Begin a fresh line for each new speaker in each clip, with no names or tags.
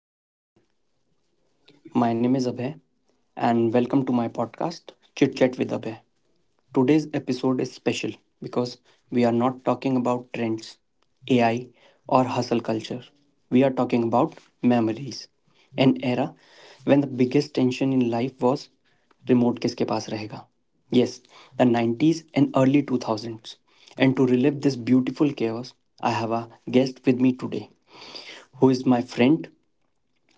Hello, everyone. My name is Abhay, and welcome to my podcast, Chit Chat with Abhay. Today's episode is special because we are not talking about trends, AI, or hustle culture. We are talking about memories, an era when the biggest tension in life was remote किसके पास rahega. Yes, the 90s and early 2000s. And to relive this beautiful chaos, I have a guest with me today who is my friend,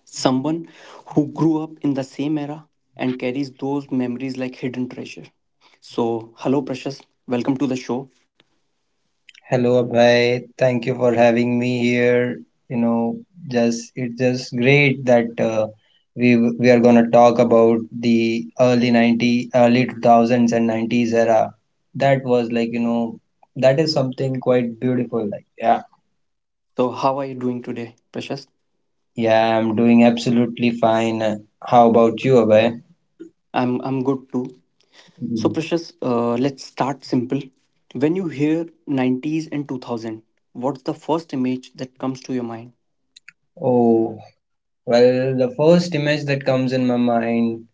someone who grew up in the same era and carries those memories like hidden treasure. So, hello, Precious. Welcome to the show.
Hello, Abhay. Thank you for having me here. You know, just it's just great that we we are gonna talk about the early 90, early 2000s and 90s era. That was, like, you know, that is something quite beautiful. Like, yeah,
So, how are you doing today, Precious?
Yeah, I'm doing absolutely fine. How about you, Abhay?
I'm good too. So,
Mhm.
Precious, let's start simple. When you hear 90s and 2000, what's the first image that comes to your mind?
Oh, well, the first image that comes in my mind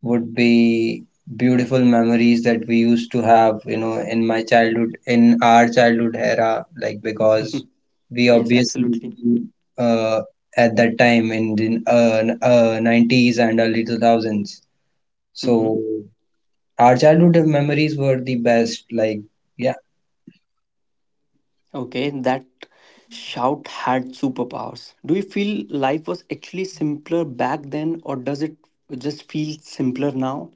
would be beautiful memories that we used to have, you know, in my childhood, in our childhood era, like, because we
Yes,
obviously
absolutely.
uh, at that time in the 90s and early 2000s. So
Mm-hmm.
our childhood memories were the best. Like, yeah,
Okay, that shout had superpowers. Do you feel life was actually simpler back then, or does it just feel simpler now?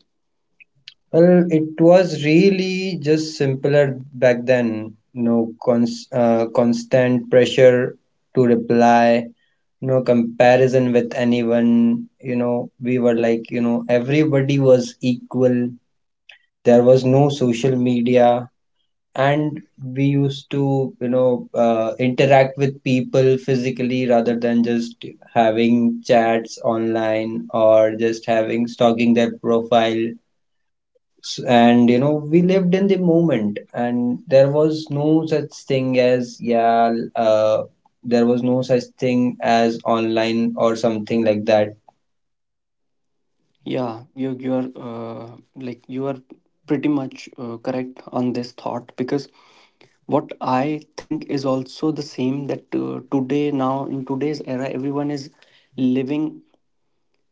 well, it was really just simpler back then. No constant pressure to reply. No comparison with anyone, you know, we were, like, you know, everybody was equal. There was no social media, and we used to, you know, interact with people physically rather than just having chats online or just having stalking their profile. And, you know, we lived in the moment, and there was no such thing as, yeah, there was no such thing as online or something like that.
Yeah, you are like you are pretty much correct on this thought, because what I think is also the same, that today, now in today's era, everyone is living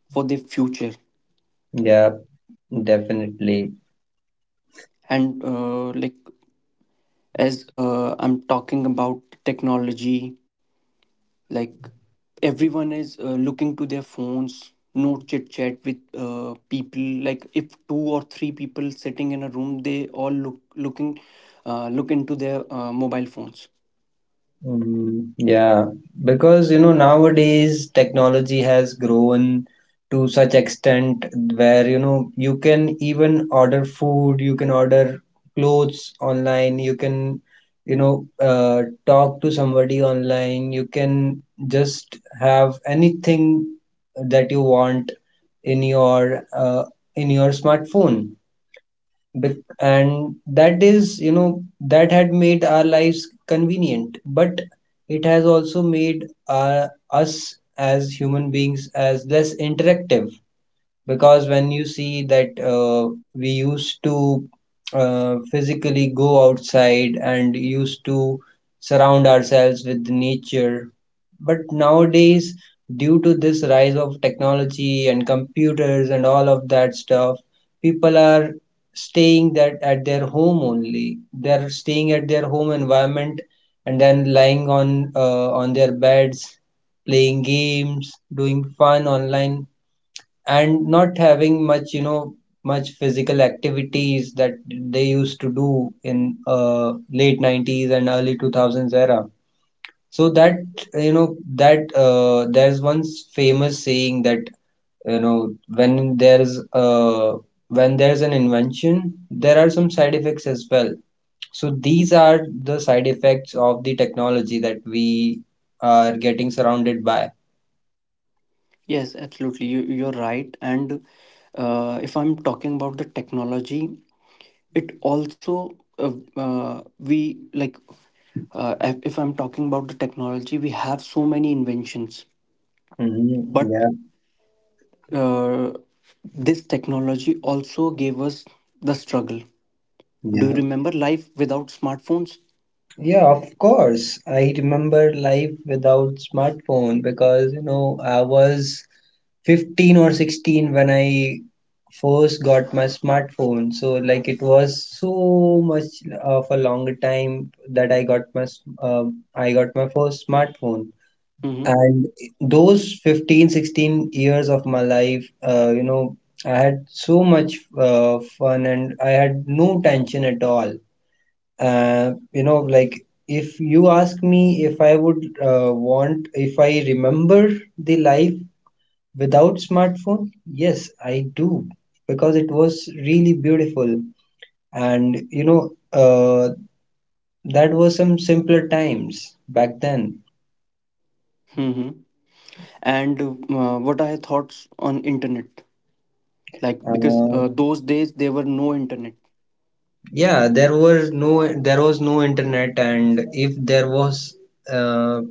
for the future.
Yeah, definitely.
And like, as I'm talking about technology, like everyone is looking to their phones, no chit chat with people. Like if two or three people sitting in a room, they all looking look into their mobile phones.
Mm, yeah, because, you know, nowadays technology has grown to such extent where, you know, you can even order food, you can order clothes online, you can, talk to somebody online, you can just have anything that you want in your, in your smartphone. And that is, you know, that had made our lives convenient, but it has also made us as human beings as less interactive, because when you see that, we used to physically go outside and used to surround ourselves with nature. But nowadays, due to this rise of technology and computers and all of that stuff, people are staying that at their home only, they're staying at their home environment, and then lying on, on their beds, playing games, doing fun online, and not having much you know much physical activities that they used to do in late 90s and early 2000s era. So that, you know, that there's one famous saying that, you know, when there's an invention there are some side effects as well. So these are the side effects of the technology that we are getting surrounded by.
Yes, absolutely, you're right. And if I'm talking about the technology, it also we like, if I'm talking about the technology, we have so many inventions,
Hmm.
but
Yeah,
uh, this technology also gave us the struggle. Do you
yeah.
remember life without smartphones?
Yeah, of course. I remember life without smartphone because, you know, I was 15 or 16 when I first got my smartphone. So, like, it was so much of a longer time that I got my first smartphone.
Mm-hmm.
And those 15-16 years of my life, I had so much fun, and I had no tension at all. Like, if you ask me, if if I remember the life without smartphone, yes, I do, because it was really beautiful. And, you know, that was some simpler times back then.
Mm-hmm. And what are your thoughts on internet? Like, because
Uh,
those days there were no internet.
yeah, there was no internet. And if there was uh,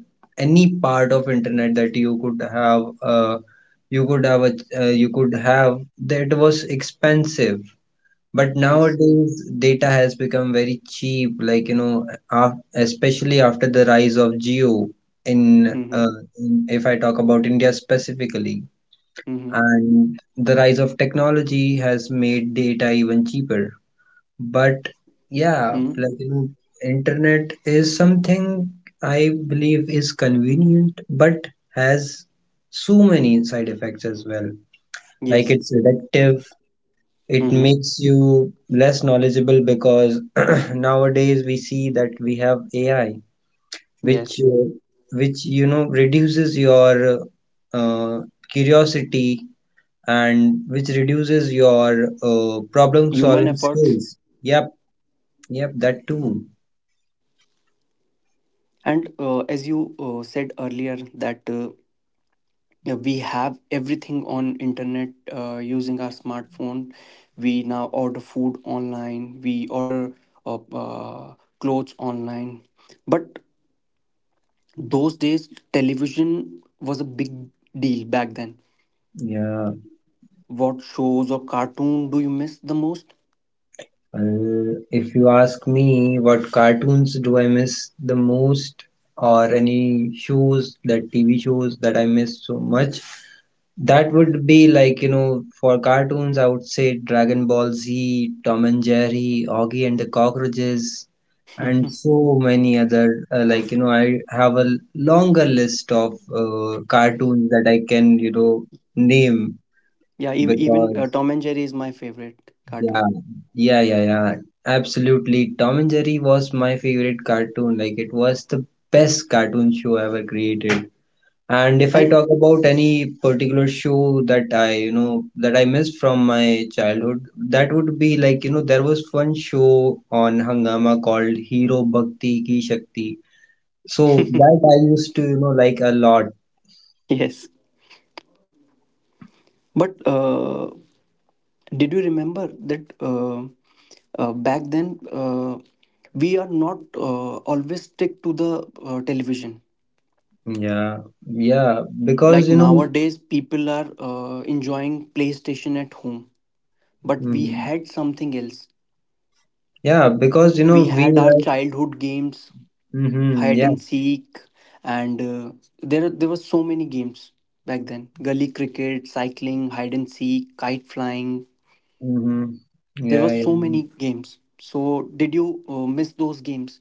any part of internet that you could have a, you could have, that was expensive. But
Yes.
nowadays data has become very cheap, like, you know, especially after the rise of Geo in,
Mm-hmm.
if I talk about India specifically.
Mm-hmm.
And the rise of technology has made data even cheaper. But, yeah,
Mm-hmm.
like, you know, internet is something I believe is convenient, but has so many side effects as well. Like,
Yes.
it's addictive, it
Mm-hmm.
makes you less knowledgeable because nowadays we see that we have AI, which
Yes.
uh, which reduces your uh, curiosity, and which reduces your problem
Human
solving
efforts.
skills. Yep, yep, that too.
And as you said earlier that yeah, we have everything on internet using our smartphone. We now order food online, we order uh, uh, clothes online. But those days television was a big deal back then.
Yeah,
What shows or cartoon do you miss the most?
well, if you ask me what cartoons do I miss the most, or any shows that TV shows that I miss so much, that would be, like, you know, for cartoons, I would say Dragon Ball Z, Tom and Jerry, Augie and the Cockroaches, and
Mhm.
so many other. Like, you know, I have a longer list of cartoons that I can, you know, name
Yeah, even
because
Tom and Jerry is my favorite
Yeah,
cartoon.
yeah, yeah, yeah. Absolutely. Tom and Jerry was my favorite cartoon. Like, it was the best cartoon show ever created. And if I
And
talk about any particular show that I missed from my childhood, that would be, like, you know, there was one show on Hangama called Hero Bhakti Ki Shakti. So that I used to, you know, like a lot.
yes, but did you remember that back then we are not always stick to the television?
Yeah, yeah, because,
Like
you know,
nowadays, people are enjoying PlayStation at home, but we
mhm.
had something else.
Yeah, because, you know,
We
we
had our
have.
childhood games,
Mm-hmm.
hide
Yeah.
and seek, and there were so many games back then. Gully cricket, cycling, hide and seek, kite flying.
Mm-hmm.
There were
Yeah, yeah.
so many games. So did you miss those games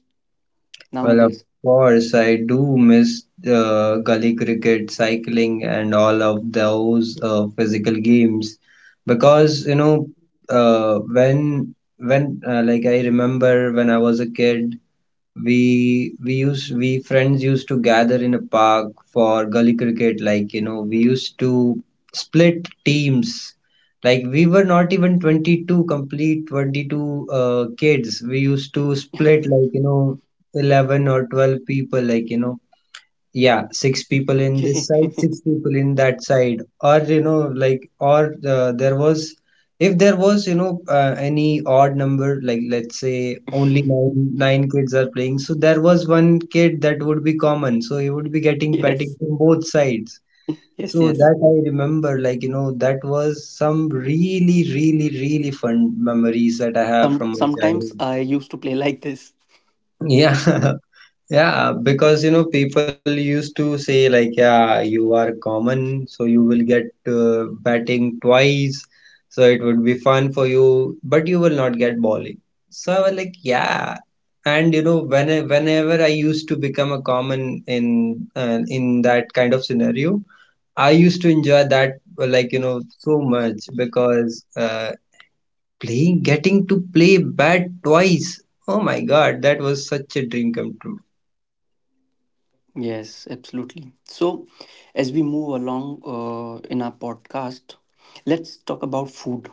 Well, of
nowadays?
course, I do miss gully cricket, cycling, and all of those physical games because, you know, when like, I remember when I was a kid, we friends used to gather in a park for gully cricket, like, you know, we used to split teams, like, we were not even 22 complete 22 kids. We used to split, like, you know, 11 or 12 people, like, you know, yeah, six people in this
Okay.
side, six people in that side, or, you know, like, or there was if there was any odd number. Like, let's say only nine kids are playing, so there was one kid that would be common, so he would be getting petting
Yes,
from both sides.
yes,
So
yes.
that I remember, like, you know, that was some really, really, really fun memories that I have from my
Sometimes
childhood.
I used to play like this.
Yeah, yeah, because, you know, people used to say, like, yeah, you are common, so you will get batting twice, so it would be fun for you, but you will not get bowling. So I was, like, yeah, and, you know, when whenever I used to become a common in that kind of scenario, I used to enjoy that, like, you know, so much because, playing, getting to play bat twice. Oh my God, that was such a dream come true.
Yes, absolutely. So as we move along in our podcast, let's talk about food.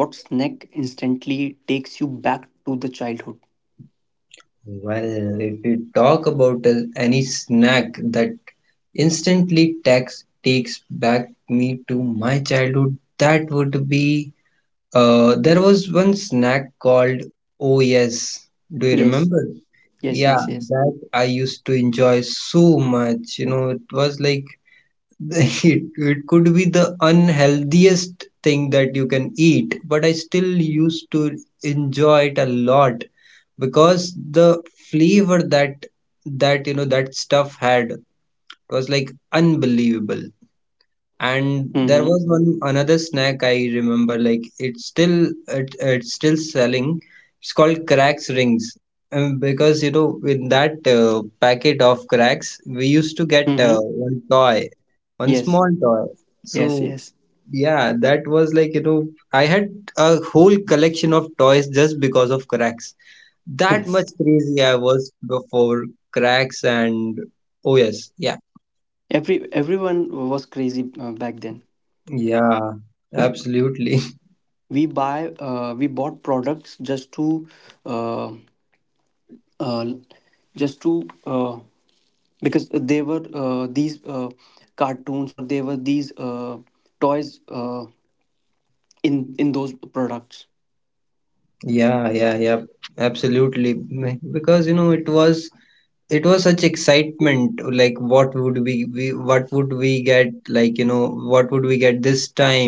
What snack instantly takes you back to the childhood?
Well, if we talk about any snack that instantly takes back me to my childhood, that would be there was one snack called. Oh, yes. Do you
Yes,
remember?
yes,
Yeah,
yes, yes.
that I used to enjoy so much. You know, it was like it could be the unhealthiest thing that you can eat, but I still used to enjoy it a lot because the flavor that that you know that stuff had was, like, unbelievable. And there
Mm-hmm.
was one another snack I remember, like, it's still selling, it's called cracks rings. Because, you know, in that packet of cracks, we used to get
Mm-hmm.
one toy, one
Yes,
small toy. So,
yes, yes,
yeah, that was, like, you know, I had a whole collection of toys just because of cracks. That
yes.
much crazy I was before cracks. And, oh, yes, yeah,
Every everyone was crazy back then.
yeah, absolutely,
We bought products just to uh, uh, just to, because they were these cartoons, or they were these toys in those products.
yeah, yeah, yeah, absolutely. Because, you know, it was such excitement. Like, what would we get? Like, you know, what would we get this time?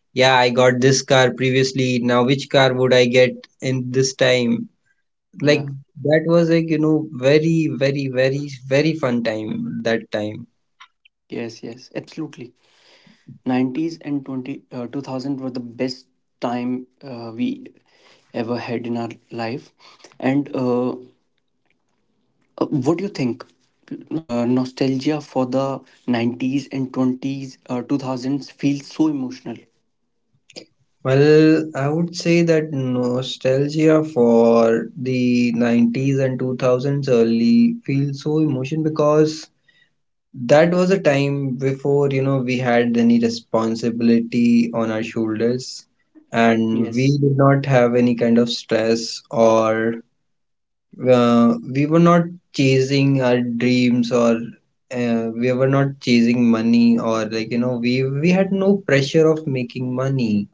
Yeah, I got this car previously. Now which car would I get in this time? Like,
Yeah.
that was, like, you know, very, very, very, very fun time, that time.
Yes, yes, absolutely. 90s and 20 uh, 2000 were the best time we ever had in our life. And what do you think nostalgia for the 90s and 20s uh, 2000s feels so emotional?
Well, I would say that nostalgia for the 90s and 2000s early feels so emotion because that was a time before, you know, we had any responsibility on our shoulders, and we
Yes.
did not have any kind of stress, or we were not chasing our dreams, or we were not chasing money, or, like, you know, we had no pressure of making money.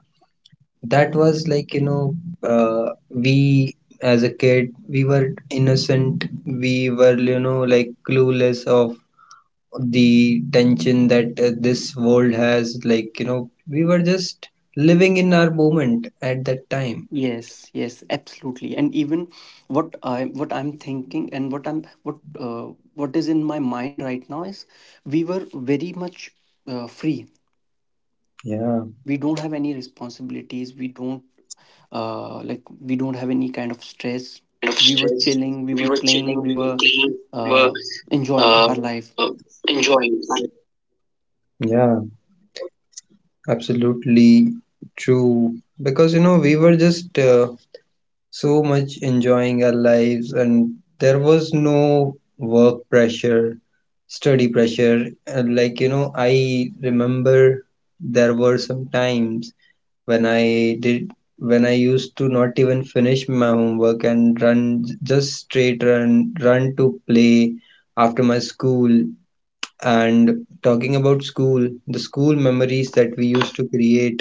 That was, like, you know, we as a kid, we were innocent. We were, you know, like, clueless of the tension that this world has. Like, you know, we were just living in our moment at that time.
Yes, yes, absolutely. And even what I, what I'm thinking and what I'm what is in my mind right now is we were very much free.
Yeah.
We don't have any responsibilities. We don't like, we don't have any kind of
Kind of
stress.
stress.
We were
We were
chilling. We
chilling,
were
we were
playing. We
playing,
were
we were
uh,
uh,
enjoying
uh,
our life.
enjoying. Yeah, absolutely true. Because, you know, we were just so much enjoying our lives, and there was no work pressure, study pressure. And, like, you know, I remember there were some times when i did when I used to not even finish my homework and run, just straight run to play after my school. And talking about school, the school memories that we used to create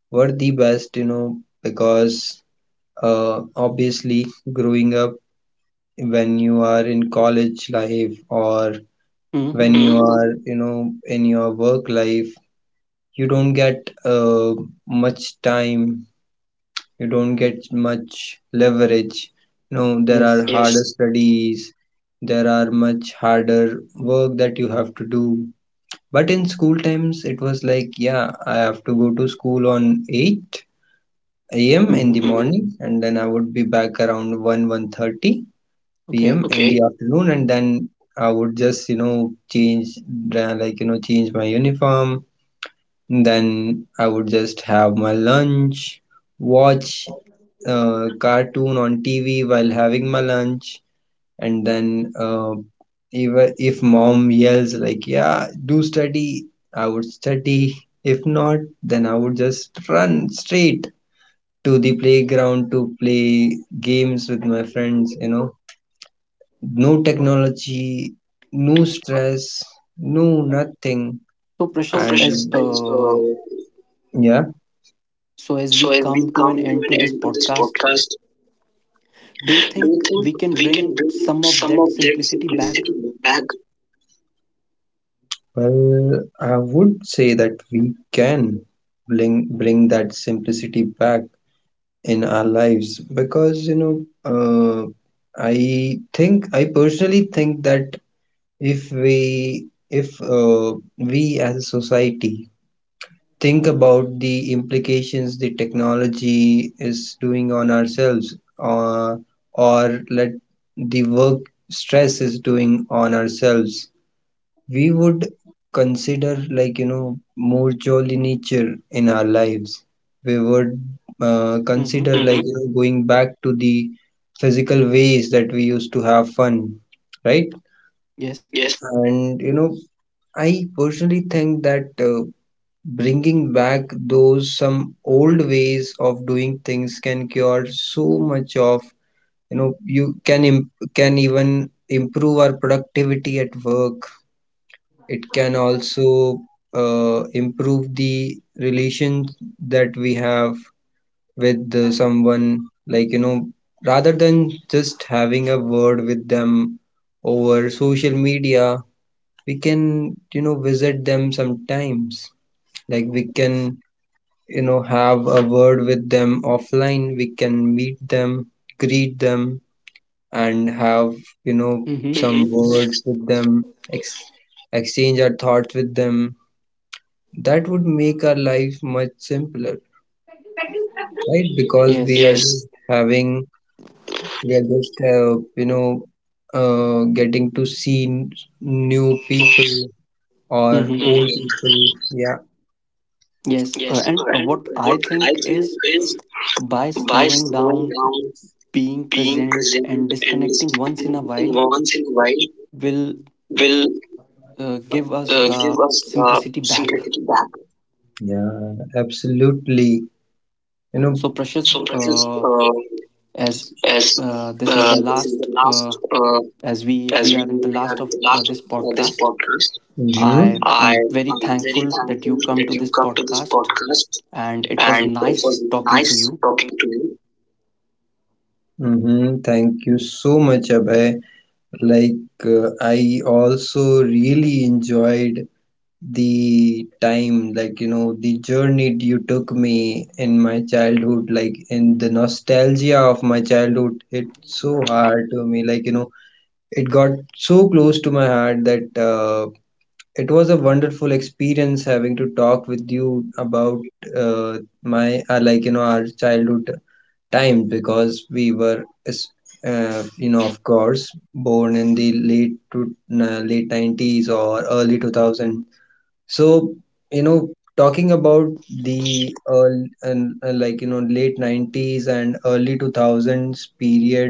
were the best, you know, because obviously growing up, when you are in college life, or when
Hmm.
you are, you know, in your work life, you don't get much time, you don't get much leverage. No, there are
Yes.
harder. Yes, studies, there are much harder work that you have to do. But in school times it was like, yeah, I have to go to school on 8 a.m in
Hmm.
the Mhm. morning and then I would be back around 1 1:30 p.m.
Okay.
in, okay, the afternoon, and then I would just you know change the- like you know change my uniform. Then I would just have my lunch, watch a cartoon on TV while having my lunch, and then, uh, even if mom yells, like, yeah, do study, I would study. If not, then I would just run straight to the playground to play games with my friends. No technology, no stress, no nothing.
So,
No. And
Precious, as
guys. So, yeah,
so as
so
we
as we
come to an
come to
end to
an
this
end to this
podcast,
podcast,
do you
do you
think
think
we can
we can
bring
bring
some of
some of
that
that
simplicity
simplicity
back?
back? Well, I would say that we can bring that simplicity back in our lives because, uh, I personally think that if we as a society think about the implications the technology is doing on ourselves, or let the work stress is doing on ourselves, we would consider, like, more jolly nature in our lives. We would, consider,
Mm-hmm.
like, going back to the physical ways that we used to have fun, right?
Yes.
Yes. And, I personally think that, bringing back those some old ways of doing things can cure so much of, you can even improve our productivity at work. It can also, improve the relations that we have with, someone. Like, rather than just having a word with them over social media, we can, visit them sometimes. Like, we can, have a word with them offline. We can meet them, greet them, and have, you know,
Mm-hmm.
some words with them, ex- exchange our thoughts with them. That would make our life much simpler, right? Because we
Yes.
are, yes, just having, we are just, getting to see new people or old
Mm-hmm.
people. Yeah.
Yes.
Yes,
And
and
what I
what I
think
think
is,
is,
by
by
slowing
slowing
down,
down,
being
being
present,
present,
and
and
disconnecting once in a
disconnecting
while,
once in a while
will
will,
give us
give
the
us the
simplicity back.
simplicity back. Yeah, absolutely. You know,
So, Precious,
So, Precious,
as
as
this is
uh,
the
this is
last,
the last, uh,
as we
as we
are in the
are
last
in
of
the last of,
this
this
podcast.
podcast.
I
I
am very
am very
thankful that
thankful
you come
that
to
you
this
come to this
podcast,
podcast,
and it was
and it was
nice talking to
nice
you.
talking to you. Mm-hmm. Thank you so much, Abhay. Like, I also really enjoyed the time, like, the journey you took me in my childhood, like, in the nostalgia of my childhood. It's so hard to me, like, it got so close to my heart that, it was a wonderful experience having to talk with you about, uh, my, like, our childhood time because we were, of course, born in the late to, late 90s or early 2000. So, you know talking about the early, and, like, late 90s and early 2000s period.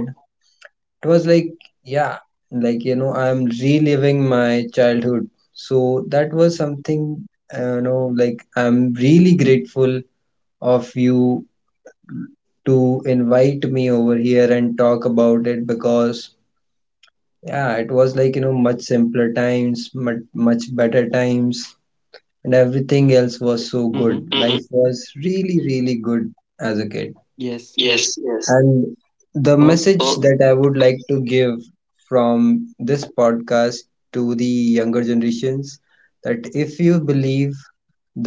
It was like, yeah, like, I'm reliving my childhood. So that was something, like, I'm really grateful of you to invite me over here and talk about it because, yeah, it was like, much simpler times, much, much better times, and everything else was so good.
Mm-hmm.
Life was really, really good as a kid.
Yes,
Yes,
yes.
yes. And the
So,
message, so, that I would like to give from this podcast to the younger generations, that if you believe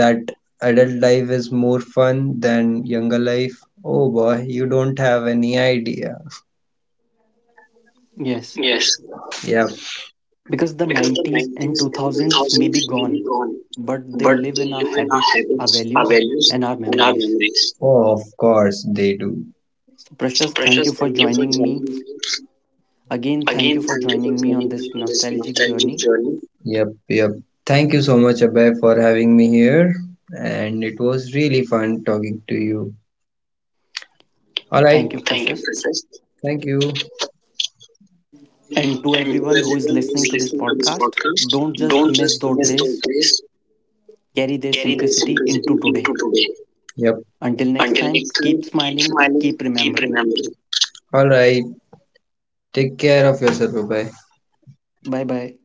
that adult life is more fun than younger life, oh boy, you don't have any idea.
yes,
Yes. Yeah,
because the
because the
90s and
90s and
2000s may be
2000s may
gone,
be gone,
but they
but
live
they
in our
live in our
habits, our
habits, our
values,
values,
and our
and our
memories.
memories. Oh, of course they do.
So,
So,
Precious, thank you
Precious,
for
thank you for
joining me.
joining me.
Again, thank
Again,
you for
thank you
joining
for
me on
joining me
this
on this
nostalgic
nostalgic
journey.
journey. Yep, yep. Thank you so much, Abhay, for having me here. And it was really fun talking to you. All right.
Thank you,
Thank you,
Precious.
Precious. Thank you. And to
And to everyone who is
everyone who
listening
is
to this
listening to this
podcast, don't
podcast,
just
don't
miss
just
those
miss those
days,
days,
carry their
carry their
simplicity
simplicity
into today.
into today. Yep.
Until next
Until
time,
next time,
keep
keep
smiling,
smiling,
keep
keep
remembering.
remembering. All right. Take care of yourself. Bye bye.
Bye bye.